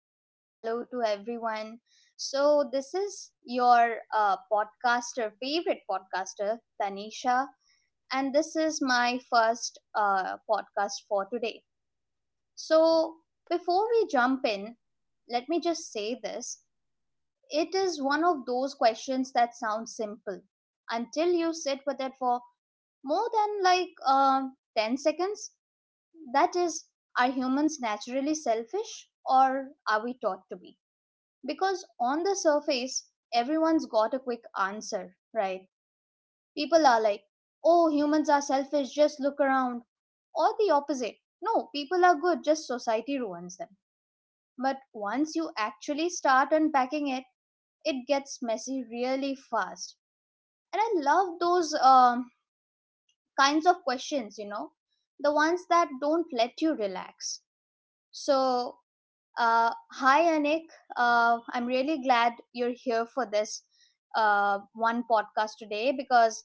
hello, hello to everyone. So, this is your podcaster, favorite podcaster, Tanisha, and this is my first podcast for today. So, before we jump in, let me just say this, it is one of those questions that sounds simple until you sit with it for more than like 10 seconds. That is, are humans naturally selfish or are we taught to be? Because on the surface, everyone's got a quick answer, right? People are like, oh, humans are selfish, just look around. Or the opposite. No, people are good, just society ruins them. But once you actually start unpacking it, it gets messy really fast. And I love those kinds of questions, you know, the ones that don't let you relax. So, hi, Anik. I'm really glad you're here for this one podcast today because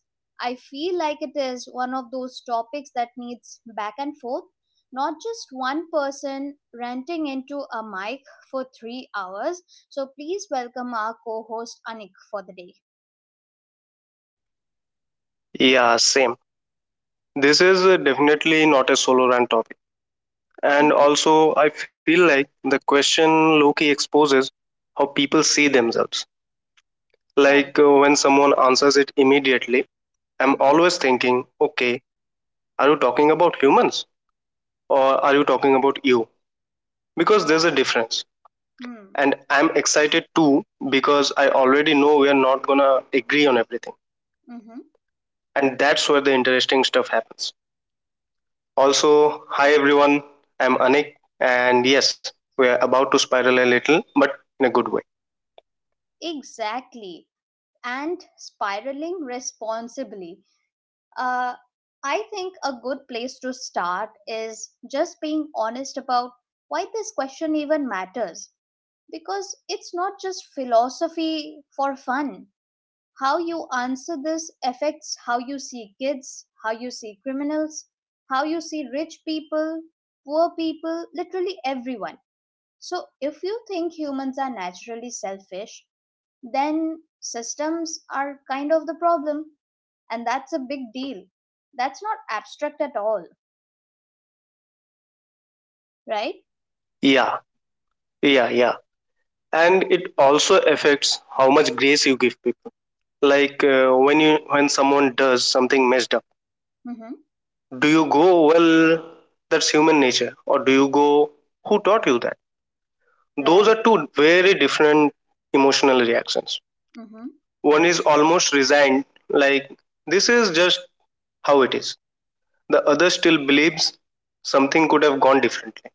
I feel like it is one of those topics that needs back and forth, not just one person ranting into a mic for 3 hours. So please welcome our co host, Anik, for the day. Yeah, same. This is definitely not a solo rant topic. And Mm-hmm. also, I feel like the question Loki exposes how people see themselves. Right. Like when someone answers it immediately, I'm Mm-hmm. always thinking, okay, are you talking about humans or are you talking about you? Because there's a Yeah. difference. Hmm. And I'm excited too because I already know we're not gonna agree on everything. Mm-hmm. And that's where the interesting stuff happens. Also, hi everyone, I'm Anik, and yes, we're about to spiral a little, but in a good way. Exactly. And spiraling responsibly. Uh, I think a good place to start is just being honest about why this question even matters. Because it's not just philosophy for fun. How you answer this affects how you see kids, how you see criminals, how you see rich people, poor people, literally everyone. So if you think humans are naturally selfish, then systems are kind of the problem, and that's a big deal, that's not abstract at all, right? Yeah, yeah, yeah. And it also affects how much grace you give people. Like when someone does something messed up, Mm-hmm. do you go, well, that's human nature, or do you go, who taught you that? Those Right. are two very different emotional reactions. Mm-hmm. One is almost resigned, like this is just how it is. The other still believes something could have gone differently.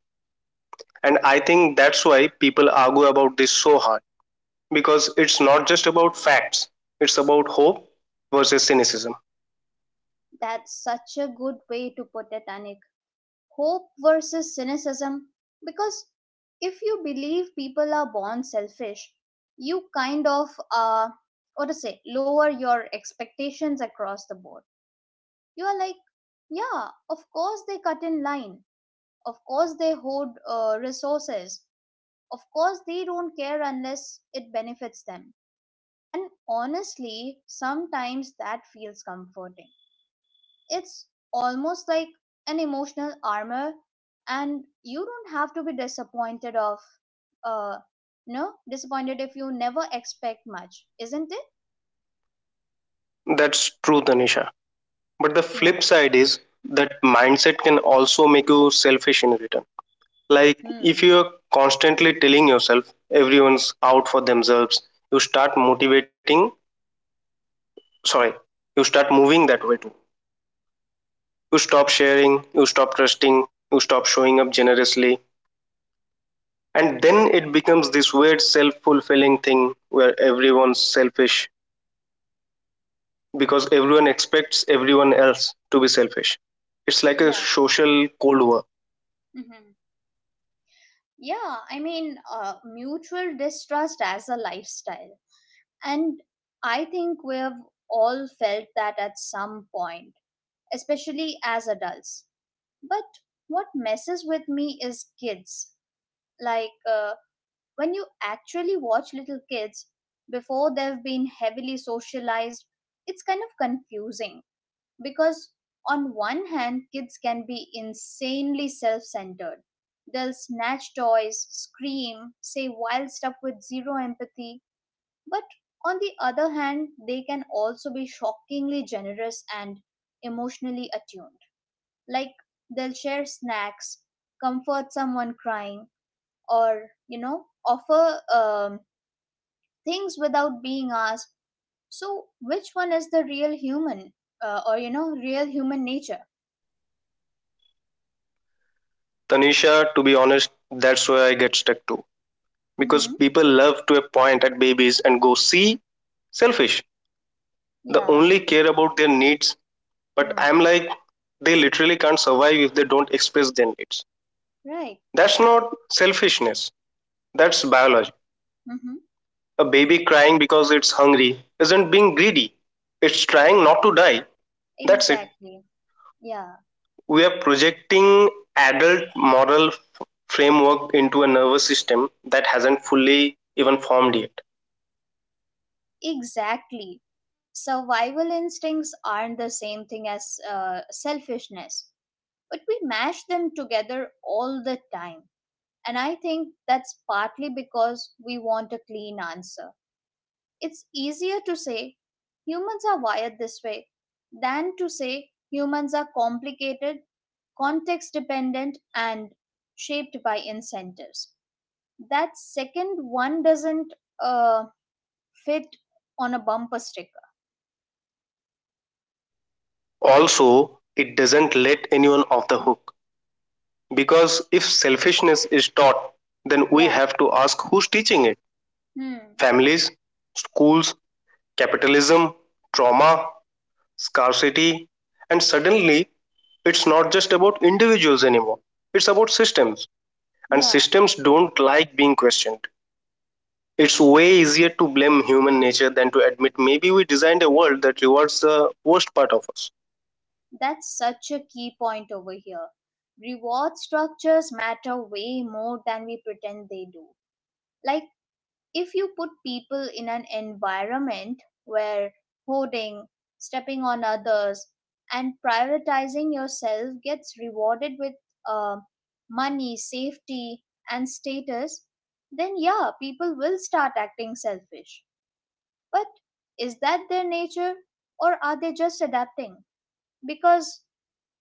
And I think that's why people argue about this so hard, because it's not just about facts, it's about hope versus cynicism. That's such a good way to put it, Anik. Hope versus cynicism. Because if you believe people are born selfish, you kind of, uh what to say, lower your expectations across the board. You are like, yeah, of course they cut in line, of course they hoard resources, of course they don't care unless it benefits them. And honestly, sometimes that feels comforting. It's almost like an emotional armor, and you don't have to be disappointed of, uh, no, disappointed if you never expect much, isn't it? That's true, Tanisha. But the Yeah. flip side is that mindset can also make you selfish in return. Like if Hmm. you're constantly telling yourself everyone's out for themselves, you start motivating, sorry, you start moving that way too. You stop sharing, you stop trusting, you stop showing up generously. And then it becomes this weird self fulfilling thing where everyone's selfish because everyone expects everyone else to be selfish. It's like a Yeah. social cold war. Hmm. Yeah. I mean, mutual distrust as a lifestyle, and I think we've all felt that at some point, especially as adults. But what messes with me is kids. Like, when you actually watch little kids before they've been heavily socialized, it's kind of confusing because, on one hand, kids can be insanely self centered. They'll snatch toys, scream, say wild stuff with zero empathy. But on the other hand, they can also be shockingly generous and emotionally attuned, like they'll share snacks, comfort someone crying, or offer things without being asked. So, which one is the real human, or real human nature? Tanisha, to be honest, that's where I get stuck to, because Mm-hmm. people love to point at babies and go, see, selfish. They Yeah. only care about their needs. But Hmm. I'm like, they literally can't survive if they don't express their needs. Right. That's not selfishness. That's biology. Mm-hmm. A baby crying because it's hungry isn't being greedy, it's trying not to die. That's it. Exactly. Yeah. We are projecting adult moral framework into a nervous system that hasn't fully even formed yet. Exactly. Survival instincts aren't the same thing as selfishness, but we mash them together all the time. And I think that's partly because we want a clean answer. It's easier to say humans are wired this way than to say humans are complicated, context dependent, and shaped by incentives. That second one doesn't, uh, fit on a bumper sticker. Also, it doesn't let anyone off the hook, because if selfishness is taught, then we Yeah. have to ask who's teaching it. Hmm. Families, schools, capitalism, trauma, scarcity, and suddenly it's not just about individuals anymore, it's about systems. And Yeah. systems don't like being questioned. It's way easier to blame human nature than to admit maybe we designed a world that rewards the worst part of us. That's such a key point over here. Reward structures matter way more than we pretend they do. Like, if you put people in an environment where hoarding, stepping on others, and prioritizing yourself gets rewarded with uh, money, safety, and status, then yeah, people will start acting selfish. But is that their nature, or are they just adapting? Because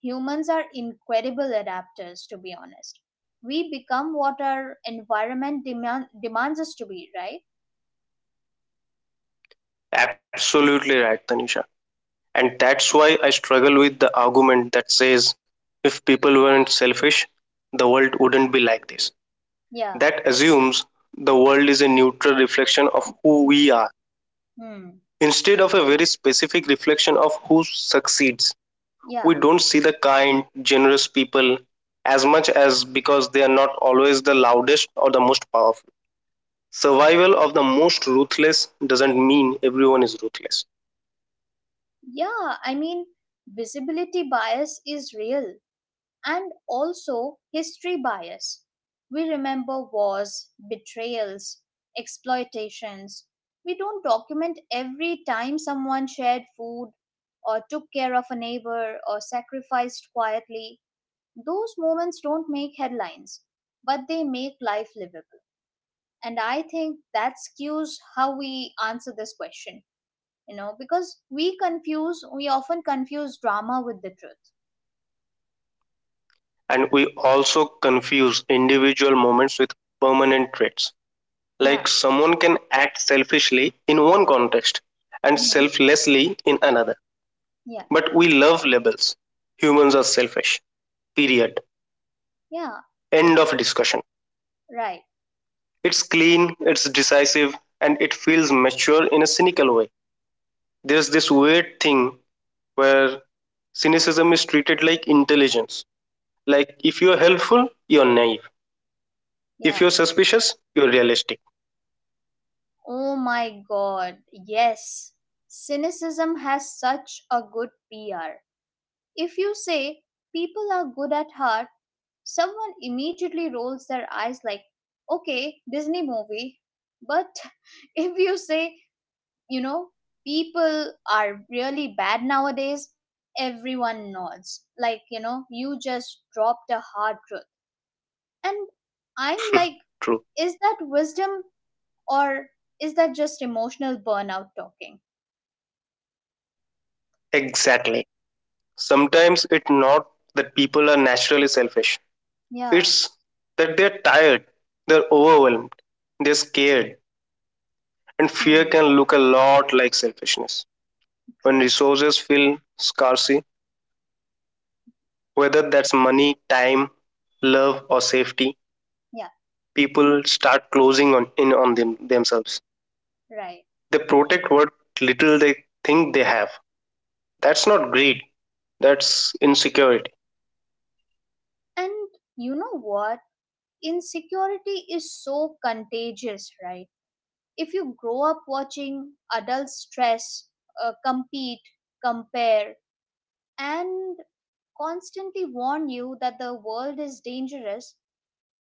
humans are incredible adapters, to be honest. We become what our environment demands us to be, right? Absolutely right, Tanisha. And that's why I struggle with the argument that says if people weren't selfish, the world wouldn't be like this. Yeah. That assumes the world is a neutral reflection of who we are, Hmm. instead of a very specific reflection of who succeeds. Yeah. We don't see the kind, generous people as much as because they are not always the loudest or the most powerful. Survival of the most ruthless doesn't mean everyone is ruthless. Yeah. I mean, visibility bias is real, and also history bias. We remember wars, betrayals, exploitations. We don't document every time someone shared food or took care of a neighbor or sacrificed quietly. Those moments don't make headlines, but they make life livable. And I think that skews how we answer this question, because we often confuse drama with the truth. And we also confuse individual moments with permanent traits. Yeah. Like someone can act selfishly in one context and Mm-hmm. selflessly in another. Yeah. But we love labels. Humans are selfish. Period. Yeah. End of discussion. Right. It's clean, it's decisive, and it feels mature in a cynical way. There's this weird thing where cynicism is treated like intelligence. Like if you're helpful, you're naive. If Yeah. you're suspicious, you're realistic. Oh my god, yes. Cynicism has such a good PR. If you say people are good at heart, someone immediately rolls their eyes, like, okay, Disney movie. But if you say, you know, people are really bad nowadays, everyone nods. Like, you just dropped a hard truth. And I'm like, True. is that wisdom, or is that just emotional burnout talking? Exactly. Sometimes it's not that people are naturally selfish. Yeah. It's that they're tired, they're overwhelmed, they're scared, and fear can Hmm. look a lot like selfishness. When True. resources feel scarce, whether that's money, time, love, or safety, Yeah. people start in on themselves. Right. They protect what little they think they have. That's not greed, that's insecurity. And you know what? Insecurity is so contagious, right? If you grow up watching adults stress, compete, compare, and constantly warn you that the world is dangerous,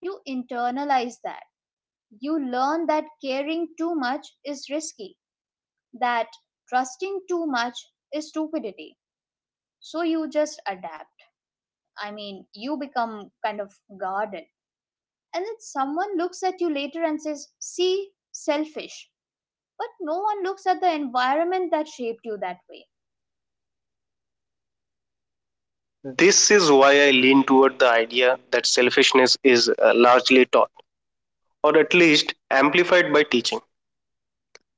you internalize that. You learn that caring too much is risky, that trusting too much is stupidity. So you just adapt. I mean, you become kind of guarded. And then someone looks at you later and says, See, selfish. But no one looks at the environment that shaped you that way. This is why I lean toward the idea that selfishness is largely taught, or at least amplified by teaching.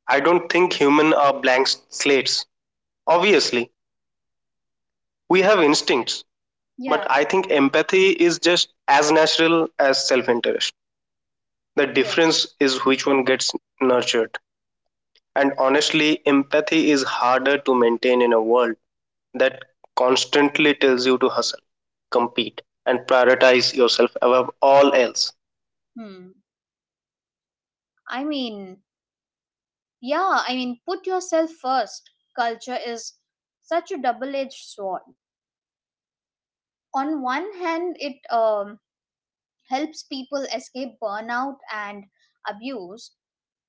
I don't think humans are blank slates. Obviously, we have instincts, Yeah, but I think empathy is just as natural as self interest. The yes. difference is which one gets nurtured. And honestly, empathy is harder to maintain in a world that constantly tells you to hustle, compete, and prioritize yourself above all else. Hmm. I mean, Yeah, I mean, put yourself first. Culture is such a double edged sword. On one hand, it helps people escape burnout and abuse.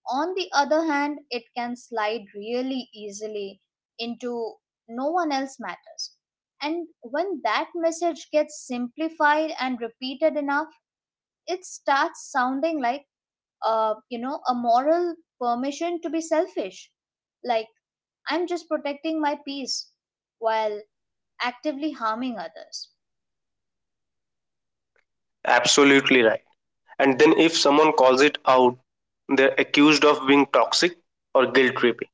On the other hand, it can slide really easily into no one else matters. And when that message gets simplified and repeated enough, it starts sounding like, a moral permission to be selfish, like I'm just protecting my peace while actively harming others. Absolutely right. And then if someone calls it out, they're accused of being toxic or guilt tripping.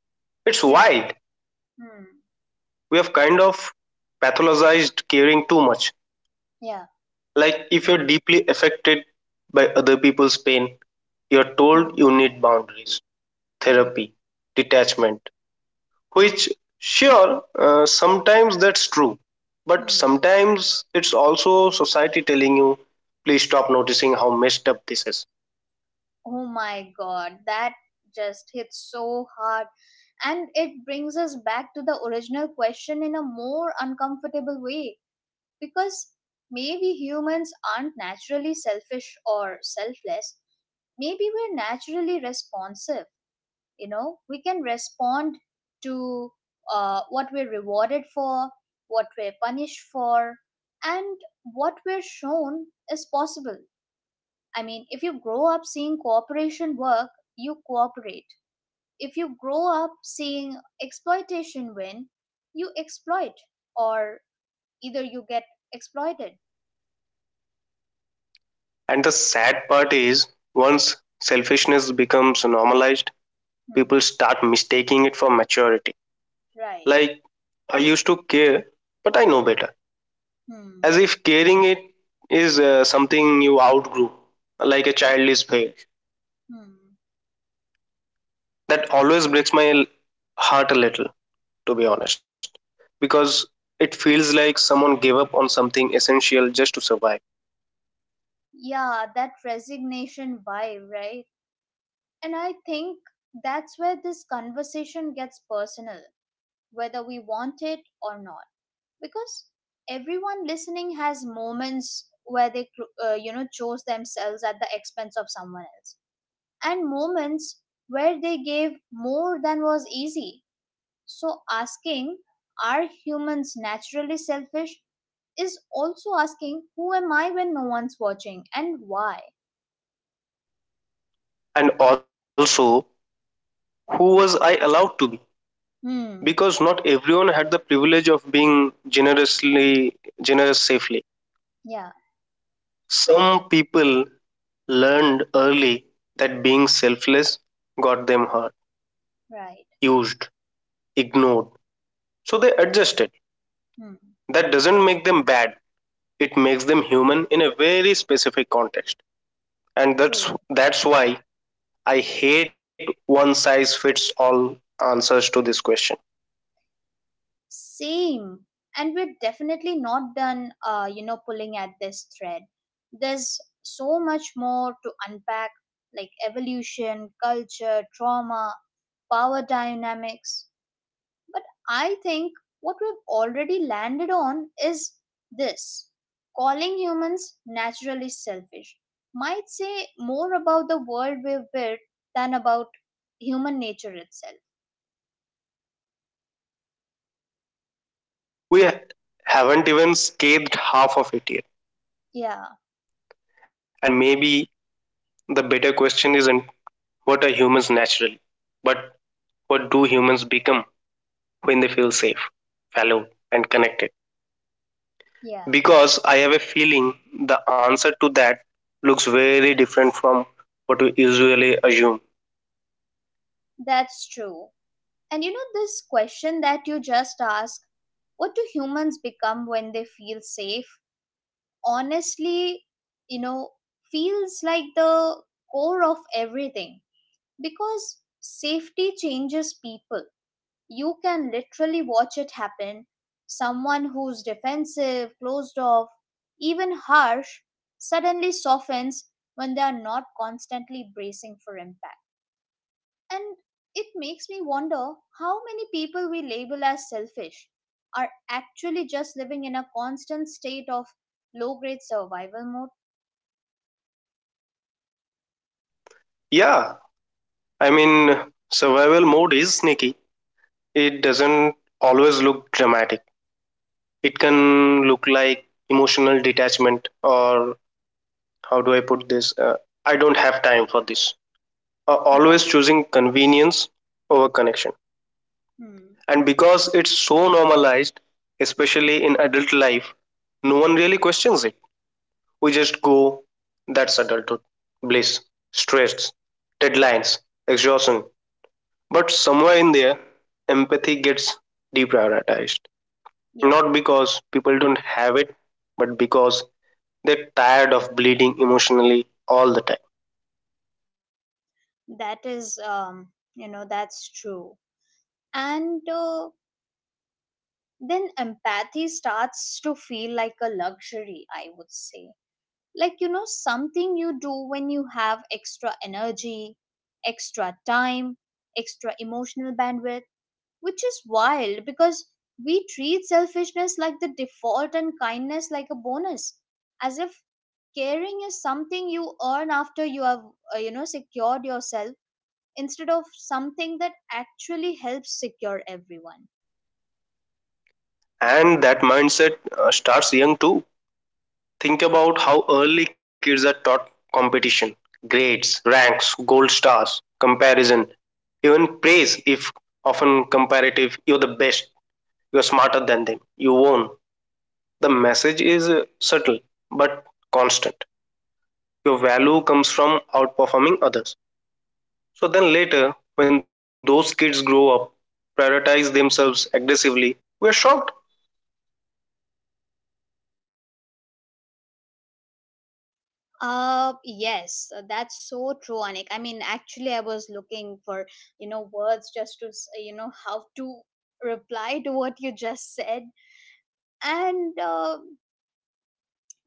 It's Yeah. wild. Hmm. We have kind of pathologized caring too much. Yeah. Like if you're deeply affected by other people's pain, you're told Hmm. you need boundaries, Hmm. therapy, detachment, which, sure, sometimes that's true, but Hmm. sometimes it's also society telling you, please stop noticing how messed up this is. Oh my god, that just hits so hard. And it brings us back to the original question in a more uncomfortable way because maybe humans aren't naturally selfish or selfless. Maybe we're naturally responsive. You know, we can respond to what we're rewarded for, what we're punished for, and what we're shown is possible. I mean, if you grow up seeing cooperation work, you cooperate. If you grow up seeing exploitation win, you exploit. Or, either you get exploited. And the sad part is, once selfishness becomes normalized, Hmm. people start mistaking it for maturity. Right. Like, I used to care, but I know better, as Hmm. if carrying it is something you outgrew, like a childish veil. Hmm. That always breaks my heart a little, to be honest, because it feels like someone gave up on something essential just to survive. Yeah, that resignation vibe, right? And I think that's where this conversation gets personal, whether we want it or not. Because everyone listening has moments where they, chose themselves at the expense of someone else, and moments where they gave more than was easy. So asking, are humans naturally selfish? Is also asking, who am I when no one's watching, and why? And also, who was I allowed to be? Hmm. Because not everyone had the privilege of being generous safely. Yeah, Some people learned early that being selfless got them hurt, right. used, ignored. So they adjusted. Hmm. That doesn't make them bad, it makes them human in a very specific context. And True. that's why I hate one size fits all answers to this question. Same. And we're definitely not done, pulling at this thread. There's so much more to unpack, like evolution, culture, trauma, power dynamics. But I think what we've already landed on is this: calling humans naturally selfish might say more about the world we've built than about human nature itself. We haven't even scathed half of it yet. Yeah, And maybe the better question isn't what are humans naturally, but what do humans become when they feel safe, fellow, and connected, yeah, because I have a feeling the answer to that looks very different from what we usually assume. that's true. And you know, this question that you just asked, what do humans become when they feel safe? Honestly, you know, feels like the core of everything because safety changes people. You can literally watch it happen. Someone who's defensive, closed off, even harsh, suddenly softens when they are not constantly bracing for impact, and it makes me wonder how many people we label as selfish are actually just living in a constant state of low grade survival mode. Yeah, I mean, survival mode is sneaky. It doesn't always look dramatic. It can look like emotional detachment, or how do I put this? I don't have time for this. Yeah. Always choosing convenience over connection. Hmm. And because it's so normalized, especially in adult life, no one really questions it. We just go, that's adulthood. Bliss, stress, deadlines, exhaustion. But somewhere in there, empathy gets deprioritized. Yeah. Not because people don't have it, but because they're tired of bleeding emotionally all the time. That is, that's true. And then empathy starts to feel like a luxury, I would say. Like, something you do when you have extra energy, extra time, extra emotional bandwidth, which is wild because we treat selfishness like the default and kindness like a bonus, as if caring is something you earn after you have secured yourself, instead of something that actually helps secure everyone. And that mindset starts young too. Think about how early kids are taught competition, grades, ranks, gold stars, comparison, even praise if often comparative. You're the best, you're smarter than them, you won. The message is subtle but constant. Your value comes from outperforming others. So then later, when those kids grow up, prioritize themselves aggressively, we're shocked. Yes, that's so true, Anik. I mean, actually, I was looking for, words just to, how to reply to what you just said. And uh,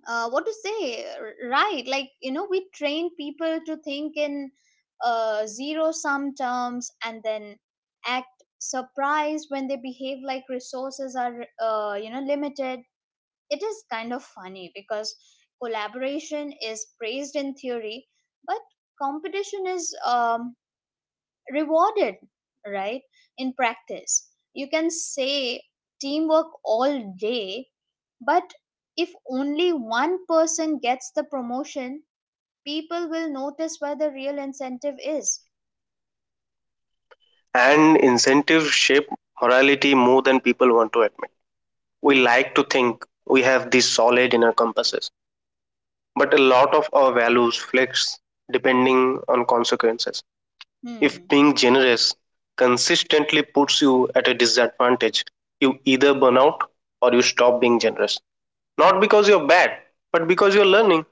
uh, what to say, right? Like, we train people to think in zero sum terms, and then act surprised when they behave like resources are, limited. It is kind of funny because collaboration is praised in theory, but competition is rewarded, right? In practice, you can say teamwork all day, but if only one person gets the promotion, people will notice where the real incentive is. And incentives shape morality more than people want to admit. We like to think we have these solid inner compasses, but a lot of our values flex depending on consequences. If Hmm, being generous consistently puts you at a disadvantage, you either burn out or you stop being generous, not because you're bad, but because you're learning.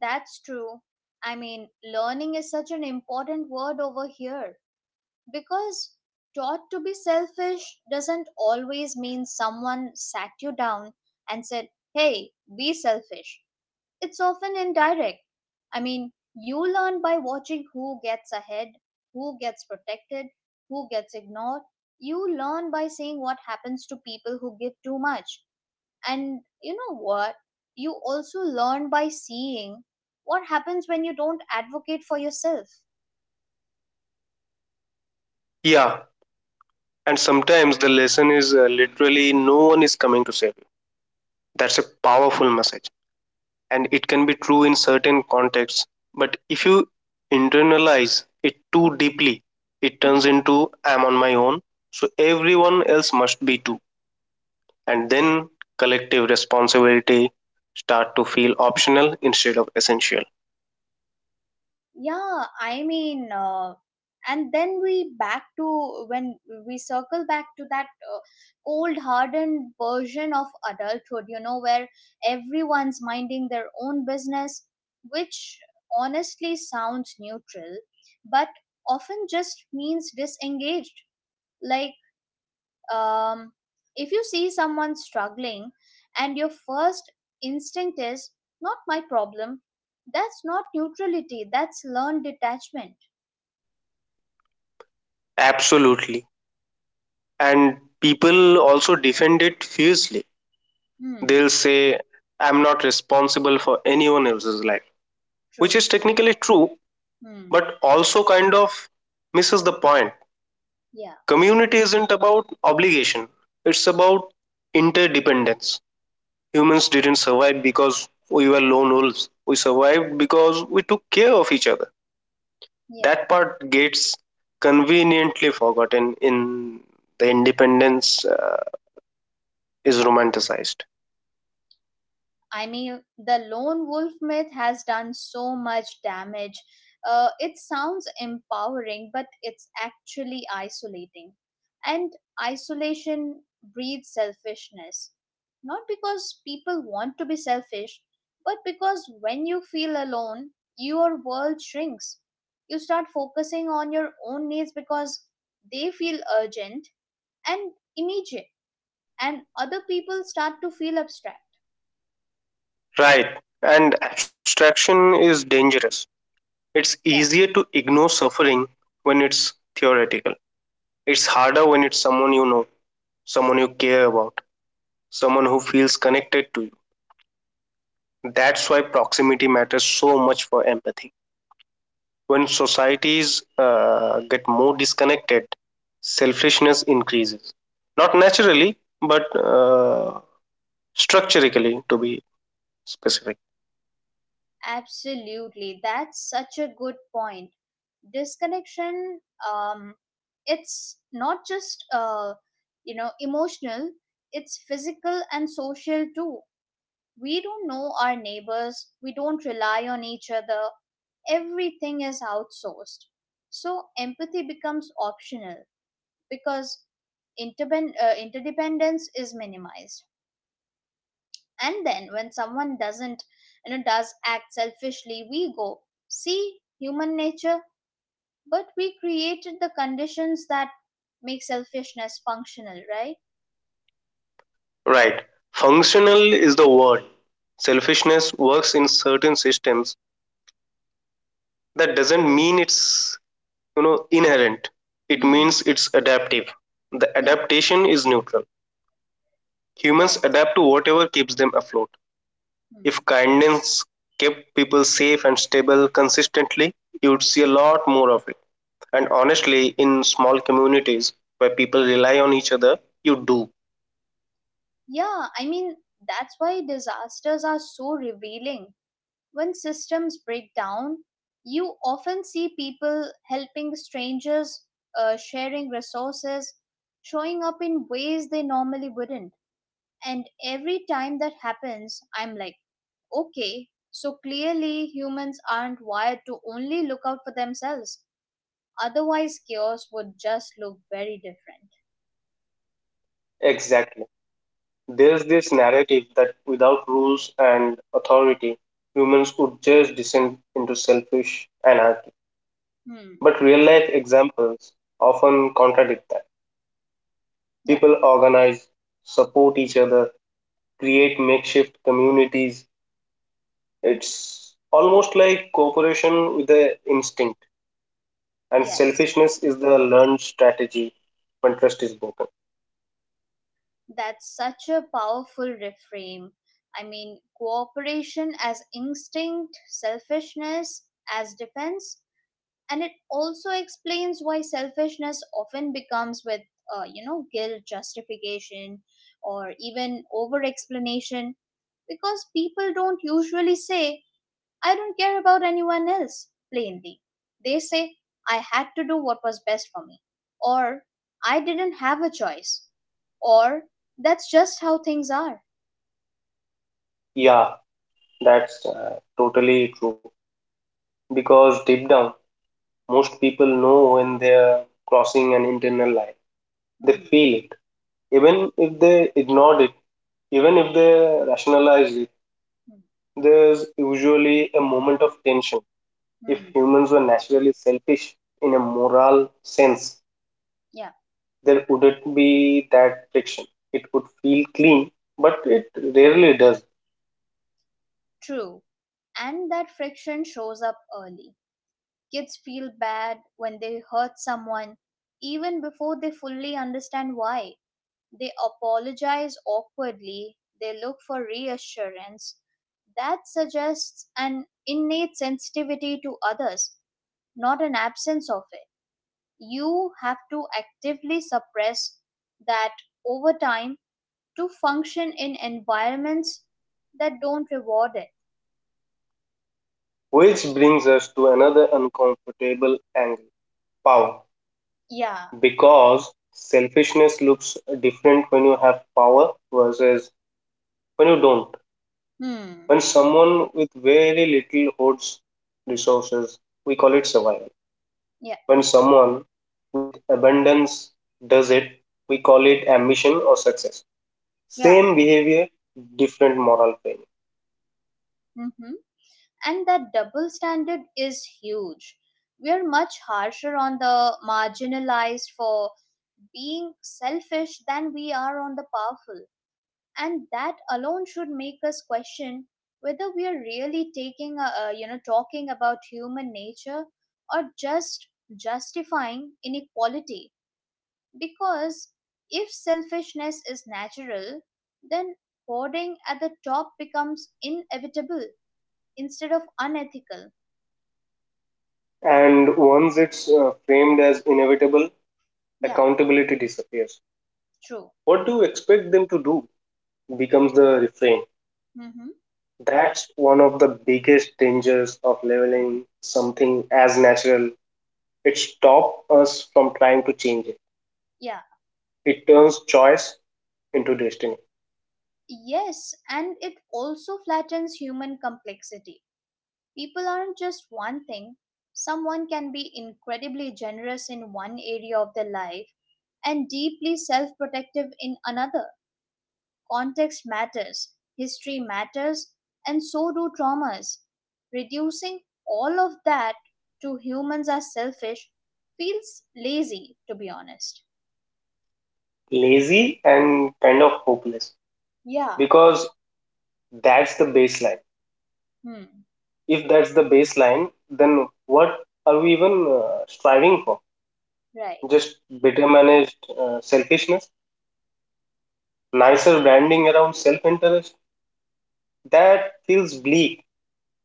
that's true. I mean, learning is such an important word over here because taught to be selfish doesn't always mean someone sat you down and said, Hey, be selfish. It's often indirect. I mean, you learn by watching who gets ahead, who gets protected, who gets ignored. You learn by seeing what happens to people who give too much. And you know what? You also learn by seeing what happens when you don't advocate for yourself. Yeah, and sometimes the lesson is literally no one is coming to save you. That's a powerful message, and it can be true in certain contexts. But if you internalize it too deeply, it turns Mm-hmm. into I'm on my own, so everyone else must be too. And then collective responsibility start to feel optional instead of essential. Yeah, I mean, and then we back to when we circle back to that cold, hardened version of adulthood, you know, where everyone's minding their own business, which honestly sounds neutral, but often just means disengaged. Like um, if you see someone struggling and your first instinct is not my problem, that's not neutrality, that's learned detachment. Absolutely. And people also defend it fiercely. Hmm. They'll say I'm not responsible for anyone else's life, which True. is technically true, Hmm. but also kind of misses the point. Yeah, Community isn't about obligation, it's about interdependence. Humans didn't survive because we were lone wolves, we survived because we took care of each other. That yeah, part gets conveniently forgotten in the independence is romanticized. I mean, the lone wolf myth has done so much damage. It sounds empowering, but it's actually isolating. And isolation breeds selfishness. Not because people want to be selfish, but because when you feel alone, your world shrinks. You start focusing on your own needs because they feel urgent and immediate, and other people start to feel abstract. Right. And abstraction is dangerous. It's Yeah. easier to ignore suffering when it's theoretical. It's harder when it's someone you know, someone you care about, someone who feels connected to you. That's why proximity matters so much for empathy. When societies get more disconnected, selfishness increases. Not naturally, but structurally, to be specific. Absolutely. That's such a good point. Disconnection, um, it's not just you know, emotional, it's physical and social too. We don't know our neighbors, we don't rely on each other, everything is outsourced. So empathy becomes optional because interdependence is minimized. And then when someone doesn't, you know, does act selfishly, we go, see, human nature, but we created the conditions that make selfishness functional, right? Right. Functional is the word. Selfishness works in certain systems. That doesn't mean it's, you know, inherent, it Hmm. means it's adaptive. The Yeah. adaptation is neutral. Humans Yes. adapt to whatever keeps them afloat. Hmm. If kindness kept people safe and stable consistently, you would see a lot more of it. And honestly, in small communities where people rely on each other, you do. Yeah. I mean, that's why disasters are so revealing. When systems break down, you often see people helping strangers, sharing resources, showing up in ways they normally wouldn't. And every time that happens, I'm like, okay, so clearly humans aren't wired to only look out for themselves. Otherwise, chaos would just look very different. Exactly. There's this narrative that without rules and authority, humans would just descend into selfish anarchy, Hmm. but real life examples often contradict that. Yeah. People organize, support each other, create makeshift communities. It's almost like cooperation with the instinct, and Yes. selfishness is the learned strategy when trust is broken. That's such a powerful reframe. I mean, cooperation as instinct, selfishness as defense, and it also explains why selfishness often becomes with, you know, guilt, justification, or even over explanation, because people don't usually say, I don't care about anyone else, plainly. They say, I had to do what was best for me, or I didn't have a choice, or that's just how things are. Yeah, that's totally true. Because deep down, most people know when they're crossing an internal line. They Hmm, feel it. Even if they ignored it, even if they rationalize it, hmm, there's usually a moment of tension. If hmm. humans were naturally selfish in a moral sense, Yeah, there wouldn't be that friction. It would feel clean, but it rarely does. true. And that friction shows up early. Kids feel bad when they hurt someone, even before they fully understand why. They apologize awkwardly, they look for reassurance. That suggests an innate sensitivity to others, not an absence of it. You have to actively suppress that over time to function in environments that don't reward it. Which brings us to another uncomfortable angle: power. Yeah. Because selfishness looks different when you have power versus when you don't. Hmm. When someone with very little holds resources, we call it survival. Yeah. When someone with abundance does it, we call it ambition or success. Yeah. Same behavior, different moral framing. Mm-hmm. And that double standard is huge. We are much harsher on the marginalized for being selfish than we are on the powerful. And that alone should make us question whether we are really taking, a, you know, talking about human nature or just justifying inequality. Because if selfishness is natural, then hoarding at the top becomes inevitable instead of unethical. And once it's framed as inevitable, Yeah, accountability disappears. true. What do you expect them to do becomes the refrain. Mm-hmm. That's one of the biggest dangers of leveling something as natural. It stops us from trying to change it. Yeah. It turns choice into destiny. Yes, and it also flattens human complexity. People aren't just one thing. Someone can be incredibly generous in one area of their life and deeply self protective in another. Context matters, history matters, and so do traumas. Reducing all of that to humans are selfish feels lazy, to be honest. Lazy and kind of hopeless Yeah, because that's the baseline. hmm, If that's the baseline, then what are we even striving for? right. Just better managed selfishness, nicer branding around self interest? That feels bleak.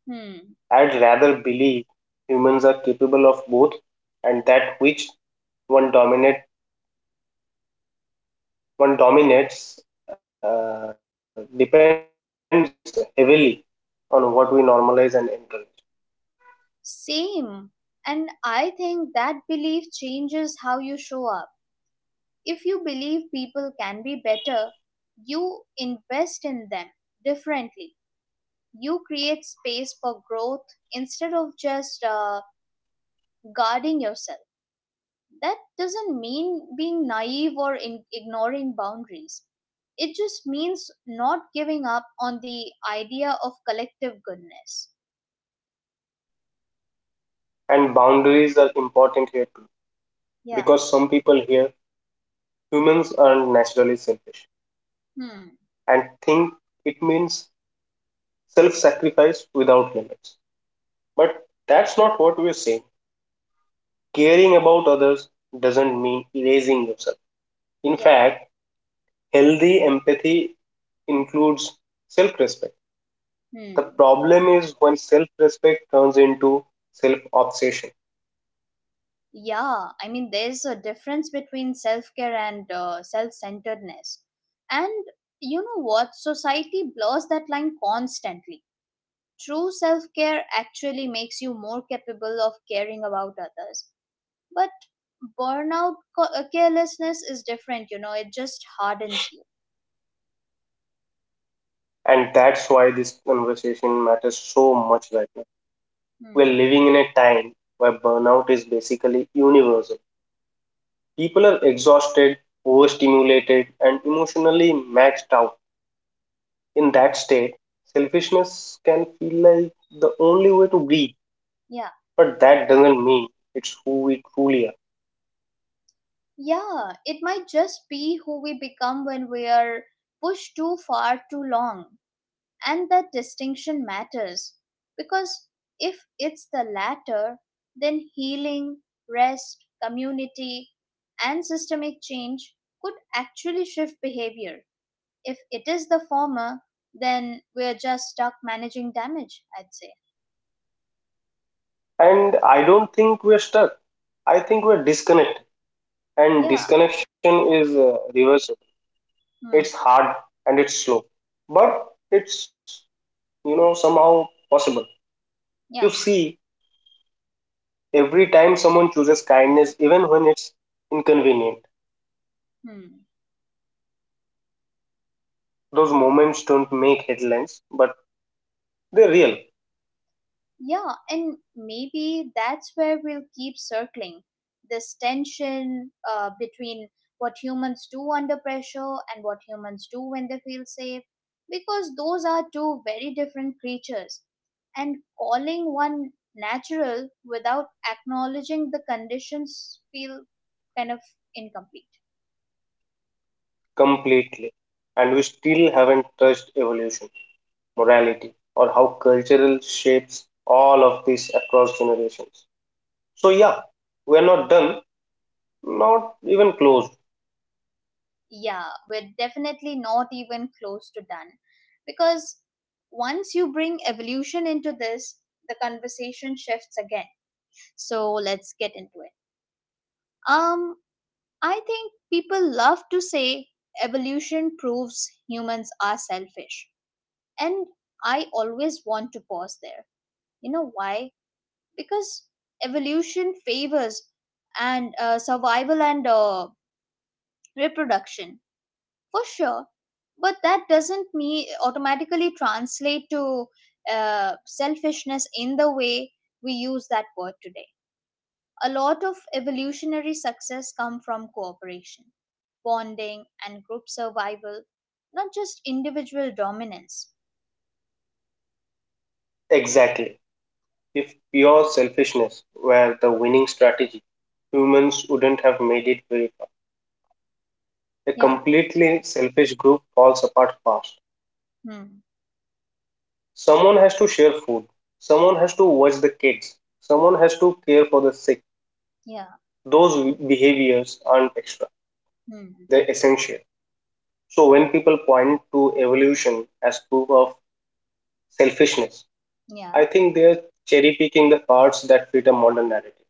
Hmm, I'd rather believe humans are capable of both and that which one dominate one dominates depends heavily on what we normalize and encourage. same. And I think that belief changes how you show up. If you believe people can be better, you invest in them differently. You create space for growth instead of just guarding yourself. That doesn't mean being naive or ignoring boundaries. It just means not giving up on the idea of collective goodness. And boundaries are important here too, Yeah. because some people here humans are naturally selfish Hmm. and think it means self sacrifice without limits. But that's not what we're saying. Caring about others doesn't mean erasing yourself. In Yeah. fact, healthy empathy includes self respect. The Hmm. problem is when self respect turns into self obsession. Yeah, I mean, there's a difference between self care and self centeredness. And you know what? Society blurs that line constantly. True self care actually makes you more capable of caring about others. But carelessness is different, you know, it just hardens you. And that's why this conversation matters so much right now. We're Hmm. living in a time where burnout is basically universal. People are exhausted, overstimulated, and emotionally maxed out. In that state, selfishness can feel like the only way to breathe, Yeah. but that doesn't mean it's who we truly are. Yeah, it might just be who we become when we are pushed too far too long. And that distinction matters because if it's the latter, then healing, rest, community, and systemic change could actually shift behavior. If it is the former, then we're just stuck managing damage, I'd say. And I don't think we're stuck. I think we're disconnected, and Yeah. disconnection is reversible. It's Hmm. hard and it's slow, but it's somehow possible. You Yeah. see, every time someone chooses kindness, even when it's inconvenient, Hmm. those moments don't make headlines, but they're real, Yeah, and maybe that's where we'll keep circling this tension between what humans do under pressure and what humans do when they feel safe, because those are two very different creatures. And calling one natural without acknowledging the conditions feel kind of incomplete. completely. And we still haven't touched evolution, morality, or how cultural shapes all of this across generations. So, yeah, we're not done, not even close, Yeah, we're definitely not even close to done, because once you bring evolution into this, the conversation shifts again. So let's get into it. um I think people love to say evolution proves humans are selfish, and I always want to pause there. You know why? Because evolution favors and survival and reproduction, for sure, but that doesn't me automatically translate to selfishness in the way we use that word today. A lot of evolutionary success come from cooperation, bonding and group survival, not just individual dominance. exactly. If pure selfishness were the winning strategy, humans wouldn't have made it very far. A Yeah. completely selfish group falls apart fast. Hmm. Someone has to share food, someone has to watch the kids, someone has to care for the sick. Yeah. Those behaviors aren't extra, Hmm. they're essential. So when people point to evolution as proof of selfishness, Yeah. I think they're cherry picking the parts that fit a modern narrative.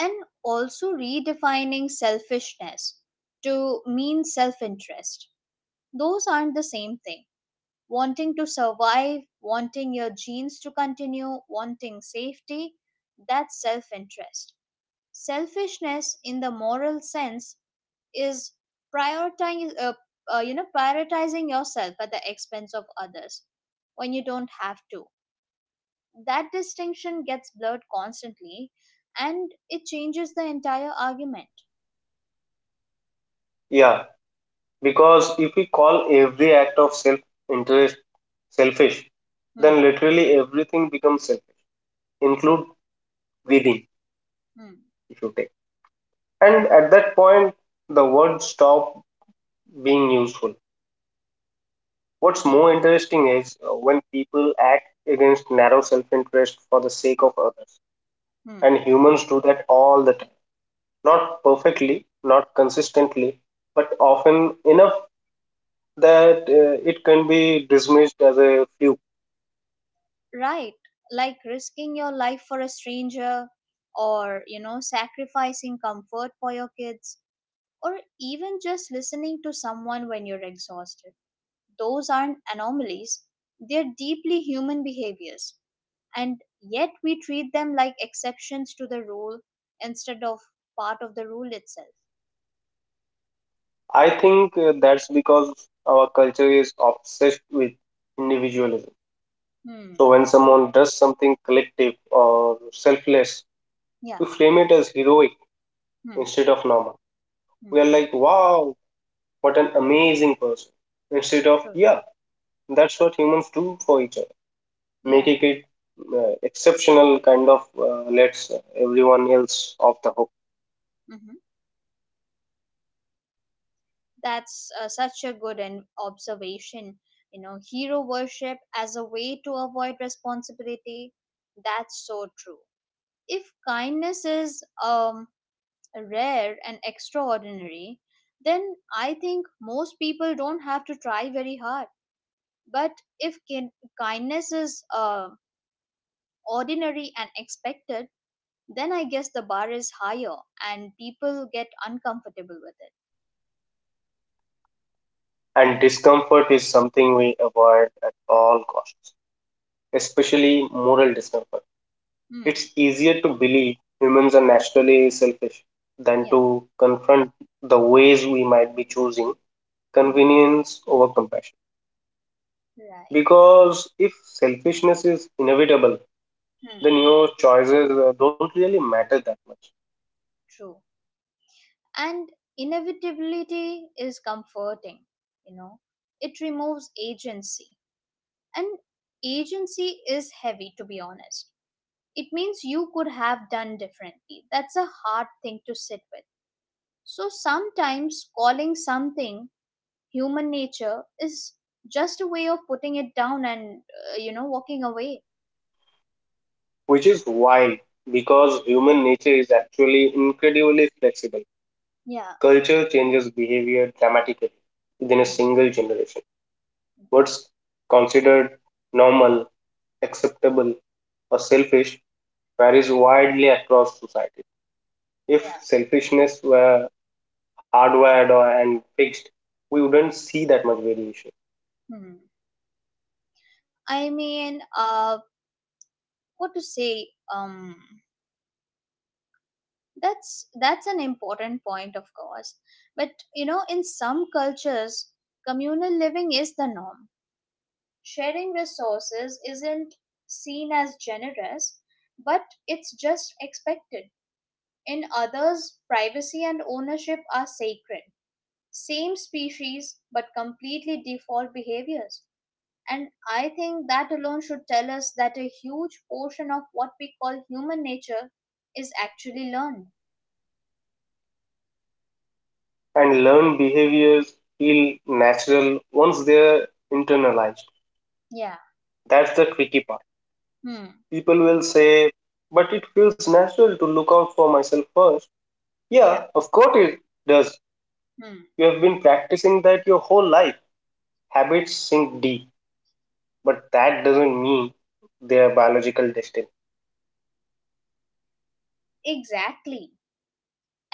And also redefining selfishness to mean self interest. Those aren't the same thing. Wanting to survive, wanting your genes to continue, wanting safety, that's self interest. Selfishness, in the moral sense, is prioritizing, uh, you know, prioritizing yourself at the expense of others when you don't have to. That distinction gets blurred constantly, and it changes the entire argument. Yeah, because if we call every act of self interest selfish, Hmm. then literally everything becomes selfish, True. include breathing, Hmm. if you take. And at that point the word stop being useful. What's Yeah. more interesting is when people act against narrow self interest for the sake of others. Hmm. And humans do that all the time. True. Not perfectly, not consistently, but often enough that it can be dismissed as a fluke. Right, like risking your life for a stranger, or you know, sacrificing comfort for your kids, or even just listening to someone when you're exhausted. Those aren't anomalies, they're deeply human behaviors, and yet we treat them like exceptions to the rule instead of part of the rule itself. I think that's because our culture is obsessed with individualism. So Hmm, when someone does something collective or selfless, yeah, we frame it as heroic hmm, instead of normal. hmm, We are like, wow, what an amazing person. Instead of, true, yeah, that's what humans do for each other, yeah, making it exceptional kind of lets everyone else off the hook. mhm. That's such a good observation. You know, hero worship as a way to avoid responsibility. That's so true. If kindness is rare and extraordinary, then I think most people don't have to try very hard. But if kindness is ordinary and expected, then I guess the bar is higher and people get uncomfortable with it. And discomfort is something we avoid at all costs, especially moral discomfort. Hmm. It's easier to believe humans are naturally selfish than Yeah. to confront the ways we might be choosing Hmm. convenience over compassion. Right. Because if selfishness is inevitable, Hmm. the new choices don't really matter that much, True. And inevitability is comforting, you know, it removes agency, and agency is heavy, to be honest. It means you could have done differently, that's a hard thing to sit with. So sometimes calling something human nature is just a way of putting it down and, you know, walking away. which is wild because human nature is actually incredibly flexible. Yeah. Culture changes behavior dramatically within a Hmm. single generation. What's considered normal, acceptable, or selfish varies widely across society. Yeah. If selfishness were hardwired or and fixed, we wouldn't see that much variation. Hmm. I mean what to say um that's an important point, of course, but you know, in some cultures communal living is the norm, sharing resources isn't seen as generous, but it's just expected. In others privacy and ownership are sacred. Same species but completely default behaviors. And I think that alone should tell us that a huge portion of what we call human nature is actually learned. And learned behaviors feel natural once they're internalized. Yeah. That's the tricky part. Hmm. People will say, but it feels natural to look out for myself first. Yeah. Yeah, of course it does. Hmm. You have been practicing that your whole life. Habits sink deep, but that doesn't mean they are biological destiny. Exactly.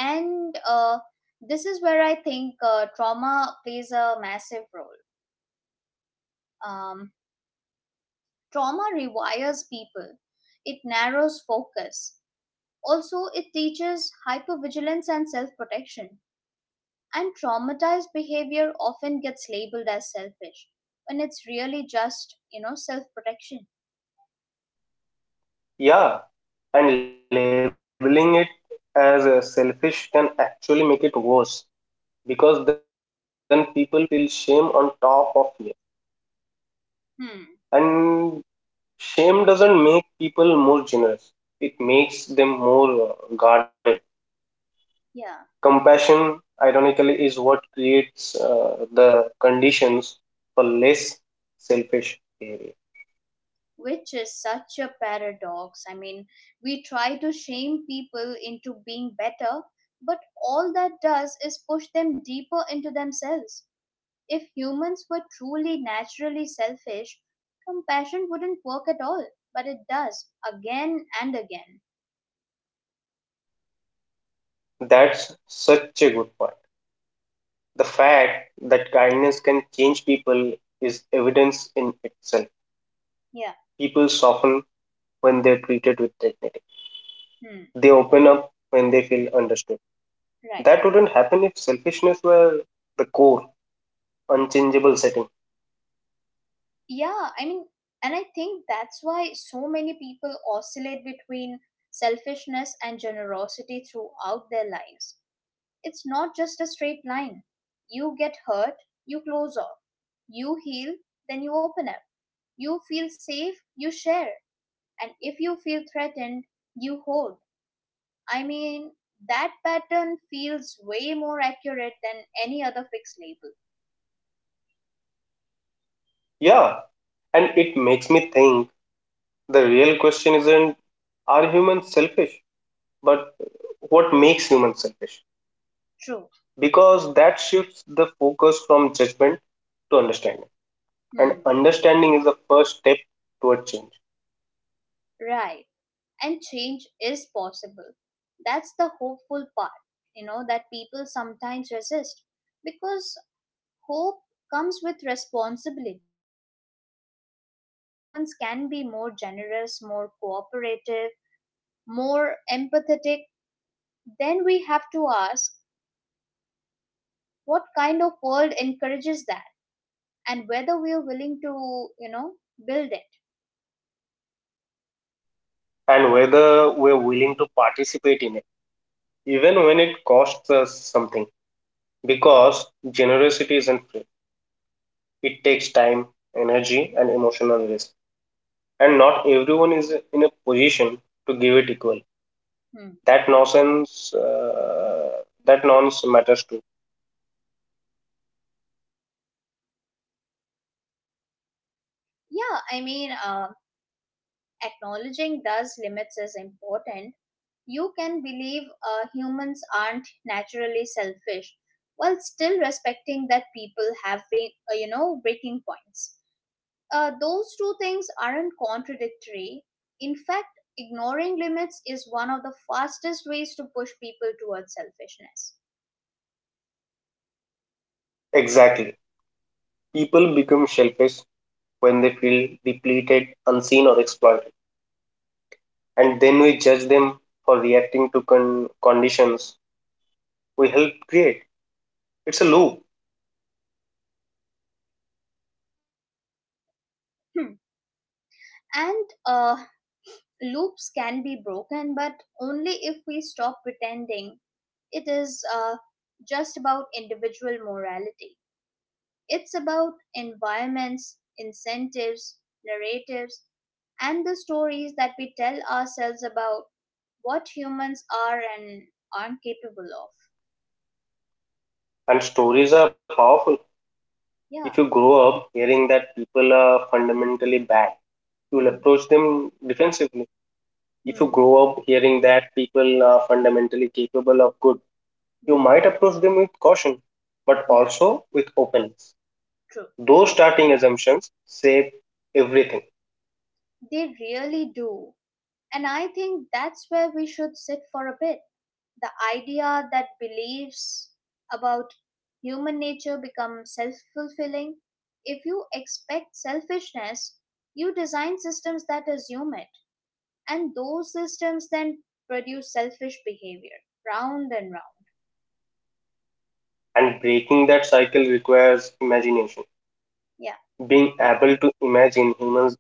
And this is where I think trauma plays a massive role. Um, Trauma rewires people, it narrows focus. Also, it teaches hypervigilance and self protection. And traumatized behavior often gets labeled as selfish when it's really just, you know, self protection. Yeah, and labeling it as a selfish can actually make it worse because then people feel shame on top of it. Hmm, And shame doesn't make people more generous, it makes them more guarded. yeah. Compassion, ironically, is what creates the conditions for less selfish behavior. Which is such a paradox. I mean, we try to shame people into being better, but all that does is push them deeper into themselves. If humans were truly naturally selfish, compassion wouldn't work at all, but it does again and again. That's such a good point. The fact that kindness can change people is evidence in itself. Yeah, People soften when they're treated with dignity, hmm, they open up when they feel understood. right. That wouldn't happen if selfishness were the core, unchangeable setting. Yeah, I mean, and I think that's why so many people oscillate between selfishness and generosity throughout their lives. It's not just a straight line. You get hurt, you close off. You heal, then you open up. You feel safe, you share. And if you feel threatened, you hold. I mean, that pattern feels way more accurate than any other fixed label. Yeah, and it makes me think the real question isn't are humans selfish, but what makes humans selfish, True. because that shifts the focus from judgment to understanding, and Hmm. understanding is the first step toward change. Right. And change is possible. That's the hopeful part, you know, that people sometimes resist because hope comes with responsibility. If we believe humans can be more generous, more cooperative, more empathetic, then we have to ask what kind of world encourages that and whether we are willing to, you know, build it. And whether we're willing to participate in it, even when it costs us something, because generosity isn't free. It takes time, energy and emotional risk, and not everyone is in a position to give it equal. Hmm. that nonsense uh, that nonsense matters too. Yeah, I mean, acknowledging those limits is important. You can believe humans aren't naturally selfish while still respecting that people have been, you know, breaking points. Those two things aren't contradictory. In fact, ignoring limits is one of the fastest ways to push people towards selfishness. Exactly, people become selfish when they feel depleted, unseen, or exploited. And then we judge them for reacting to conditions we help create. It's a loop. Hmm. And loops can be broken, but only if we stop pretending it is just about individual morality. It's about environments, incentives, narratives, and the stories that we tell ourselves about what humans are and aren't capable of. And stories are powerful. Yeah. If you grow up hearing that people are fundamentally bad, you will Mm, approach them defensively. If you mm, grow up hearing that people are fundamentally capable of good, you mm. might approach them with caution, but Yeah, also with openness. true. Those starting assumptions shape everything, They really do. And I think that's where we should sit for a bit. The idea that beliefs about human nature become self fulfilling. If you expect selfishness, you design systems that assume it. And those systems then produce selfish behavior, round and round. and breaking that cycle requires imagination, Yeah, being able to imagine humans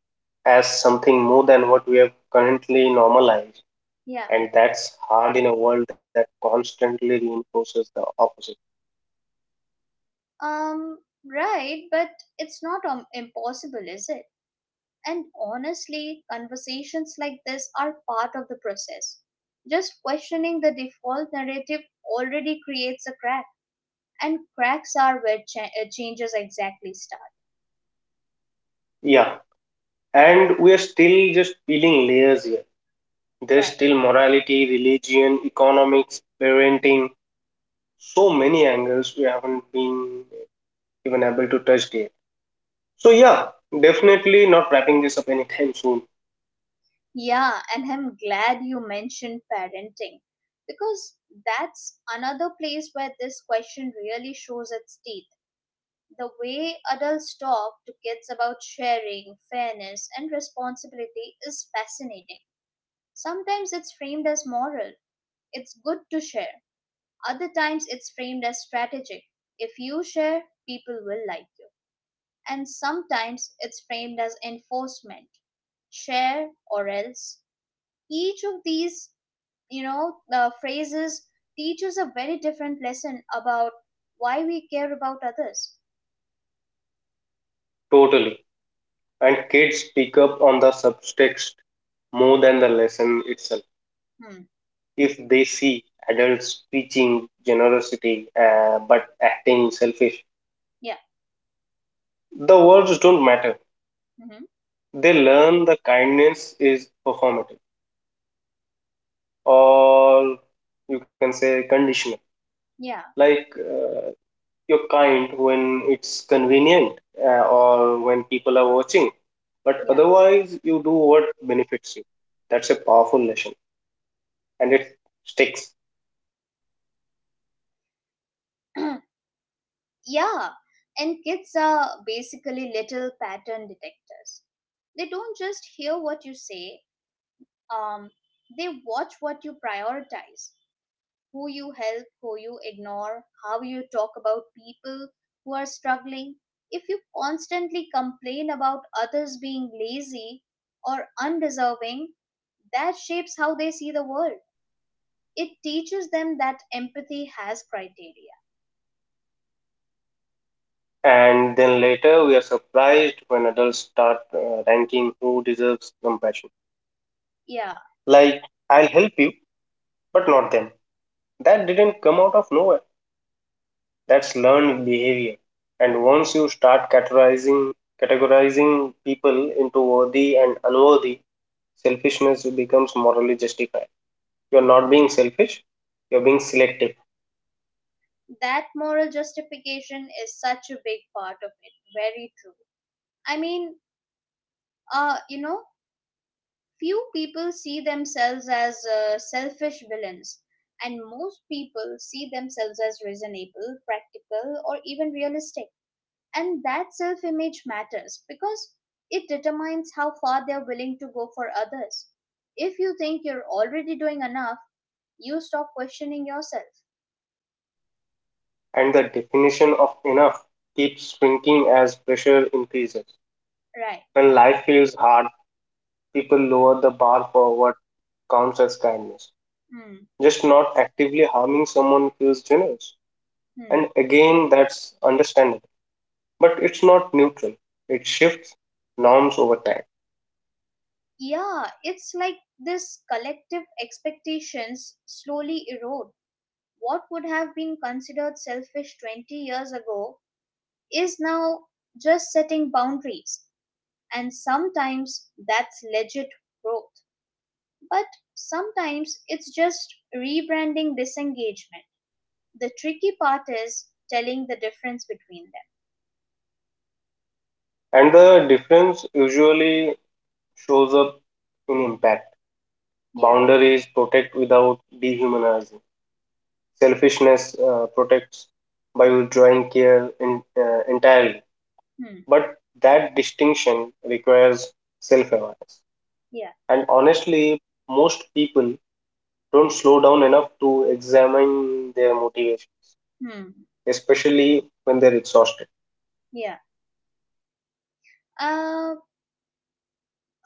as something more than what we have currently normalized. yeah. And that's hard in a world that constantly reinforces the opposite. Um, right, but it's not impossible, is it? And honestly, conversations like this are part of the process. Just questioning the default narrative already creates a crack, and cracks are where changes exactly start, Yeah. And we are still just peeling layers here. There's right? still morality, religion, economics, parenting, so many angles we haven't been even able to touch yet. So, yeah, definitely not wrapping this up anytime soon. Yeah, and I'm glad you mentioned parenting, because that's another place where this question really shows its teeth. The way adults talk to kids about sharing, fairness, and responsibility is fascinating. Sometimes it's framed as moral. It's good to share. Other times it's framed as strategic. If you share, people will like you. And sometimes it's framed as enforcement. Share or else. Each of these, phrases teaches a very different lesson about why we care about others. Totally. And kids pick up on the subtext more than the lesson itself. Hmm. If they see adults preaching generosity but acting selfish, Yeah. the words don't matter. Hmm. They learn the kindness is performative, or you can say conditional, Yeah. like you're kind when it's convenient, or when people are watching, but Yeah. otherwise you do what benefits you. That's a powerful lesson and it sticks. Yeah. And kids are basically little pattern detectors. They don't just hear what you say, um, they watch what you prioritize, who you help, who you ignore, how you talk about people who are struggling. If you constantly complain about others being lazy or undeserving, that shapes how they see the world. It teaches them that empathy has criteria. And then later we are surprised when adults start ranking who deserves compassion. Yeah, Like, I'll help you, but not them. That didn't come out of nowhere. That's learned behavior. And once you start categorizing, categorizing people into worthy and unworthy, selfishness becomes morally justified. You're not being selfish, you're being selective. that moral justification is such a big part of it, very true. I mean uh you know Few people see themselves as selfish villains, and most people see themselves as reasonable, practical, or even realistic. And that self image matters because it determines how far they're willing to go for others. If you think you're already doing enough, you stop questioning yourself. And the definition of enough keeps shrinking as pressure increases. Right. When life feels hard, people lower the bar for what counts as kindness. Hmm. Just not actively harming someone feels generous. Hmm. And again, that's understandable. But it's not neutral, it shifts norms over time. Yeah, it's like this collective expectations slowly erode. What would have been considered selfish 20 years ago is now just setting boundaries. And sometimes that's legit growth, but sometimes it's just rebranding disengagement. The tricky part is telling the difference between them. And the difference usually shows up in impact. Yeah. Boundaries protect without dehumanizing, selfishness protects by withdrawing care in, entirely. Hmm. But that distinction requires self awareness. Yeah. And honestly, most people don't slow down enough to examine their motivation, Hmm. especially when they're exhausted. Yeah. Uh,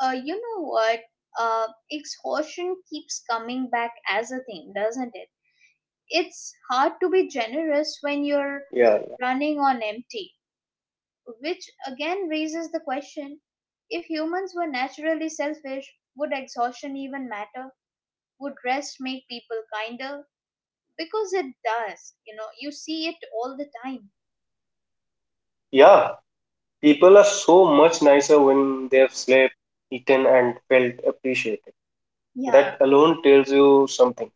you know what? Uh, Exhaustion keeps coming back as a theme, doesn't it? It's hard to be generous when you're Yeah, Yeah, running on empty. Which again raises the question, if humans were naturally selfish, would exhaustion even matter? Would rest make people kinder? Because it does, you know, you see it all the time. Yeah, people are so much nicer when they've slept, eaten, and felt appreciated. Yeah. That alone tells you something.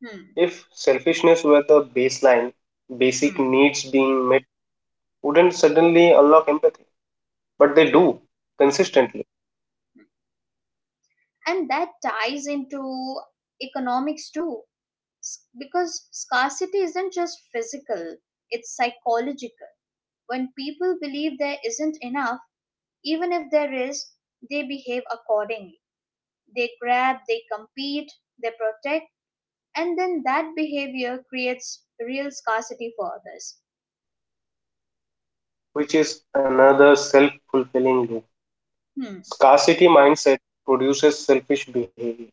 Hmm. If selfishness were the baseline, basic Hmm. needs being met wouldn't suddenly unlock empathy, but they True. do consistently, And that ties into economics too, because scarcity isn't just physical, it's psychological. When people believe there isn't enough, even if there is, they behave accordingly. They grab, they compete, they protect, and then that behavior creates real scarcity for others. which is another self fulfilling loop. Hmm. Scarcity mindset produces selfish behavior,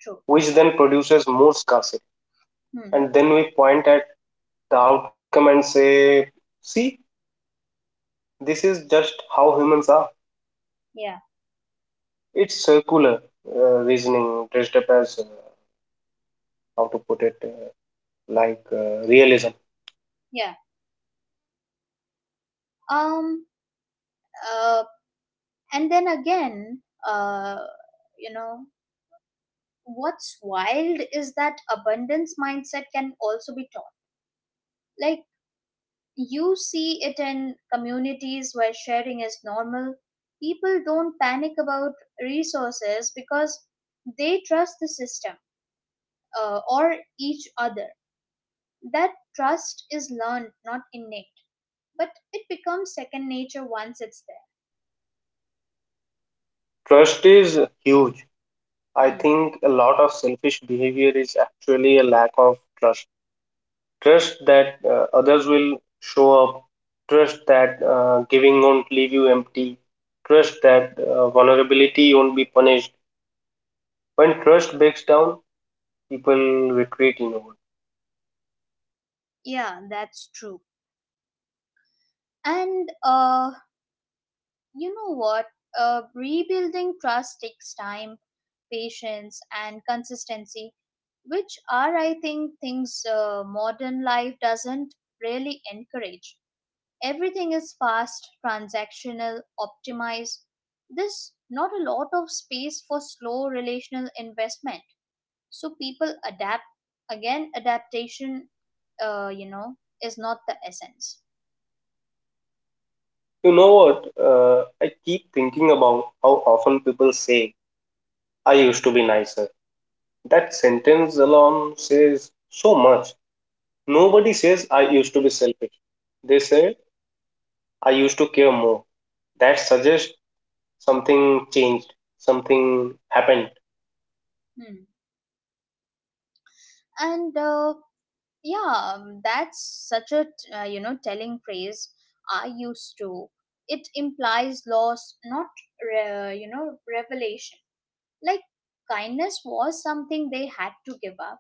True. which then produces more scarcity. Hmm. And then we point at the outcome and say, see, this is just how humans are. Yeah. It's circular uh, reasoning dressed up as, how to put it, like realism. Yeah. Um, uh, and then again, uh, you know, What's wild is that abundance mindset can also be taught. Like, you see it in communities where sharing is normal. People don't panic about resources because they trust the system, or each other. That trust is learned, not innate, but it becomes second nature once it's Trust is huge. I there. Hmm. think a lot of selfish behavior is actually a lack of trust. Trust that others will show up, trust that giving won't leave you empty, trust that vulnerability won't be punished. When trust breaks down, people retreat inward. Yeah, that's true. And you know what? Rebuilding trust takes time, patience, and consistency, which are, I think, things modern life doesn't really encourage. Everything is fast, transactional, optimized. There's not a lot of space for slow relational investment, so people adapt. Again, adaptation uh, you know is not the essence. You know what? I keep thinking about how often people say, I used to be nicer. That sentence alone says so much. Nobody says, I used to be selfish. They say, I used to care more. That suggests something changed, something happened. Hmm. and Yeah. That's such a telling phrase, I used to. It implies loss, not revelation. Like, kindness was something they had to give up,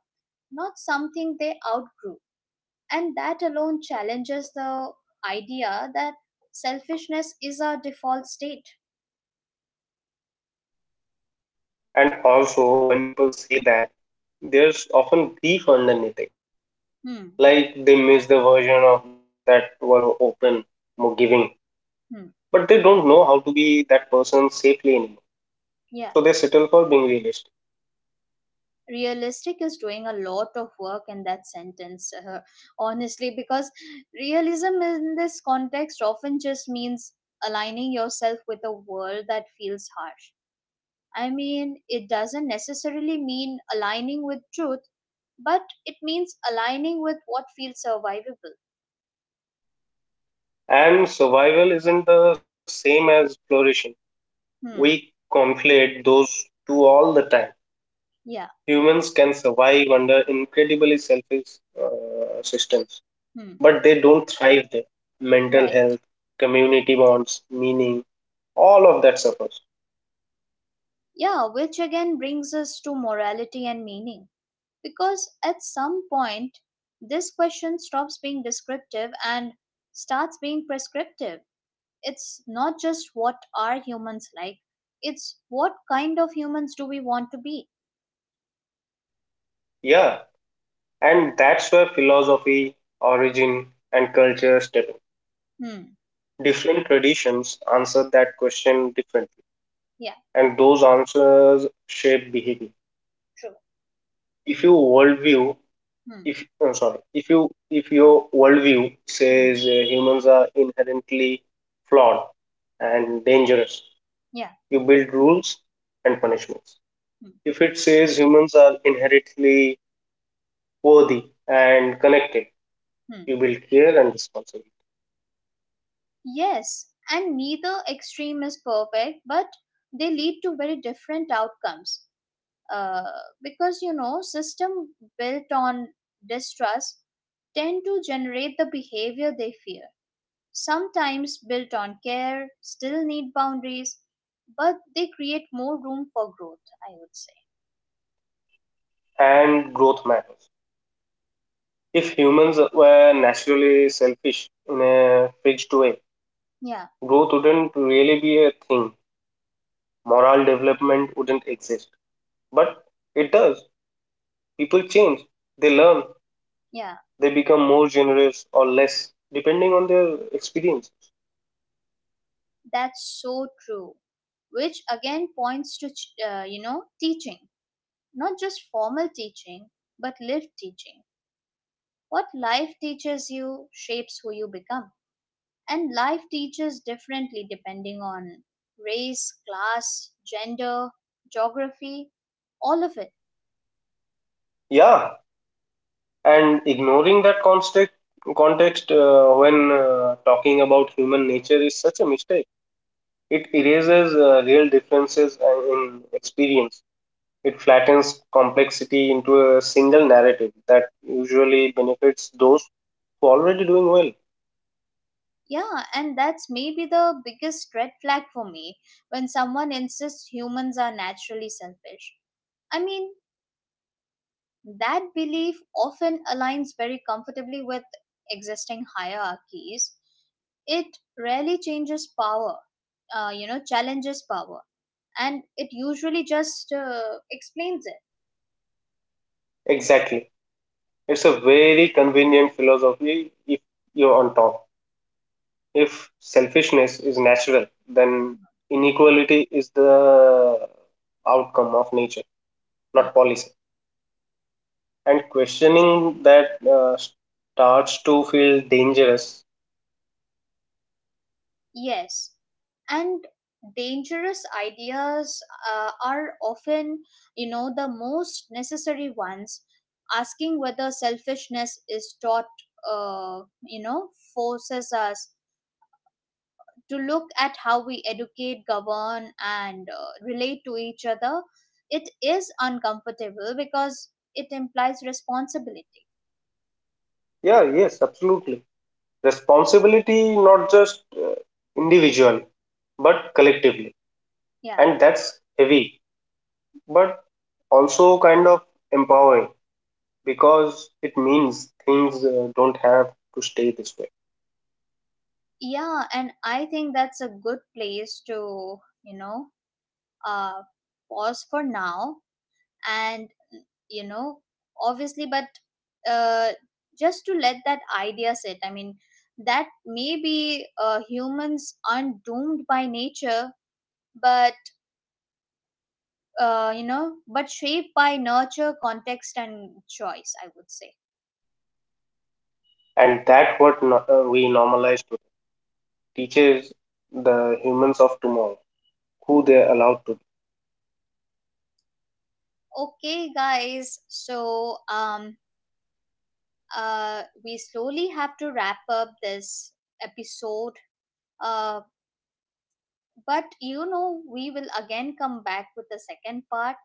not something they outgrew. And that alone challenges the idea that selfishness is our default state. And also, when people say that, there's often grief underneath it. Hmm. Like they miss the version of themselves that was more open, more giving, Hmm. but they don't know how to be that person safely anymore. Yeah, So they settle for being realistic. realistic is doing a lot of work in that sentence, honestly, because realism in this context often just means aligning yourself with a world that feels harsh. I mean, it doesn't necessarily mean aligning with truth, but it means aligning with what feels survivable. And survival isn't the same as flourishing. We Hmm. conflate those two all the time. Yeah. Humans can survive under incredibly selfish uh, systems, Hmm. but they don't thrive there. Mental Right. health, community bonds, meaning, all of that suffers. Yeah, which again brings us to morality and meaning. Because at some point, this question stops being descriptive and starts being prescriptive. It's not just what are humans like, it's what kind of humans do we want to be? Yeah, and that's where philosophy, origin, and culture step in. Hmm. Different traditions answer that question differently, Yeah. and those answers shape behavior. True. If your worldview, Hmm. if I'm sorry, if you if your worldview Hmm. says humans are inherently flawed and dangerous, Yeah. you build rules and punishments. Hmm. If it says humans are inherently worthy and connected, Hmm. you build care and responsibility, Yes, and neither extreme is perfect, but they lead to very different outcomes. Uh, because you know, system built on distrust tend to generate the behavior they fear. Sometimes built on care, still need boundaries, but they create more room for growth, I would say. and growth matters. If humans were naturally selfish in a fixed way, Yeah. growth wouldn't really be a thing. Moral development wouldn't exist. But it does. People change, they learn, Yeah, they become more generous or less, depending on their experience. that's so true. Which again points to, teaching, not just formal teaching, but lived teaching. What life teaches you shapes who you become. And life teaches differently depending on race, class, gender, geography, all of it. Yeah, and ignoring that context when talking about human nature is such a mistake. It erases real differences in experience. It flattens complexity into a single narrative that usually benefits those who are already doing well. Yeah, and that's maybe the biggest red flag for me when someone insists humans are naturally selfish. I mean, that belief often aligns very comfortably with existing hierarchies. It rarely changes power, challenges power, and it usually just explains it. Exactly, it's a very convenient philosophy if you're on top. If selfishness is natural, then inequality is the outcome of nature, not Hmm. policy, and questioning that starts to feel dangerous. Yes, and dangerous ideas are often, you know, the most necessary ones. Asking whether selfishness is taught uh, you know forces us to look at how we educate, govern, and relate to each other. It is uncomfortable because it implies responsibility. Yeah, yes, absolutely. Responsibility, not just individually but collectively, Yeah. and that's heavy, but also kind of empowering, because it means things don't have to stay this way. Yeah, and I think that's a good place to, you know, uh, pause for now. And, you know, obviously, but uh, just to let that idea sit, I mean, that maybe humans aren't doomed by nature, but but shaped by nurture, context, and choice, I would say. And that what we normalize to teaches the humans of tomorrow who they're allowed to be. Okay guys, so we slowly have to wrap up this episode. Uh But you know, we will again come back with the second part.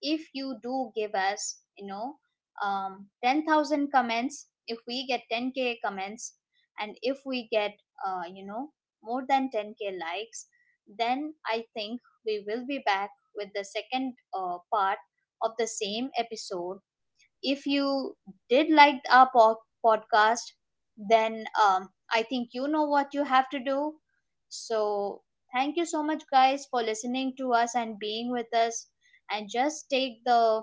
If you do give us, you know, 10,000 comments, if we get 10k comments, and if we get, uh, you know, more than 10k likes, then I think we will be back with the second part of the same episode. If you did like our podcast, then I think you know what you have to do. So, thank you so much, guys, for listening to us and being with us. And just take the,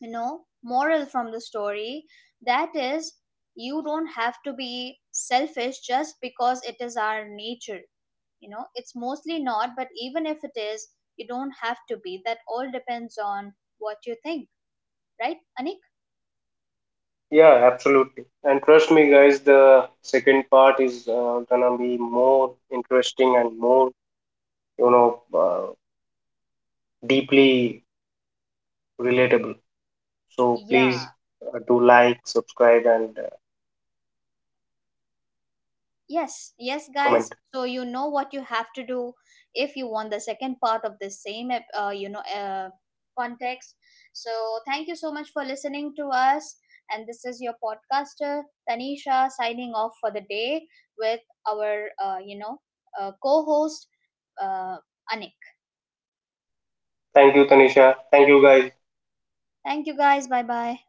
you know, moral from the story, that is, you don't have to be selfish just because it is our nature. You know, it's mostly not, but even if it is, you don't have to be. That all depends on what you think, right, Anik? Yeah, absolutely. And trust me, guys, the second part is gonna be more interesting and more, you know, deeply relatable. So please Yeah. Do like, subscribe, and Yes, yes, guys. comment. So you know what you have to do if you want the second part of this same, context. So thank you so much for listening to us. And this is your podcaster Tanisha signing off for the day with our, co-host uh, Anik. Thank you, Tanisha. Thank you, guys. Thank you, guys. Bye bye.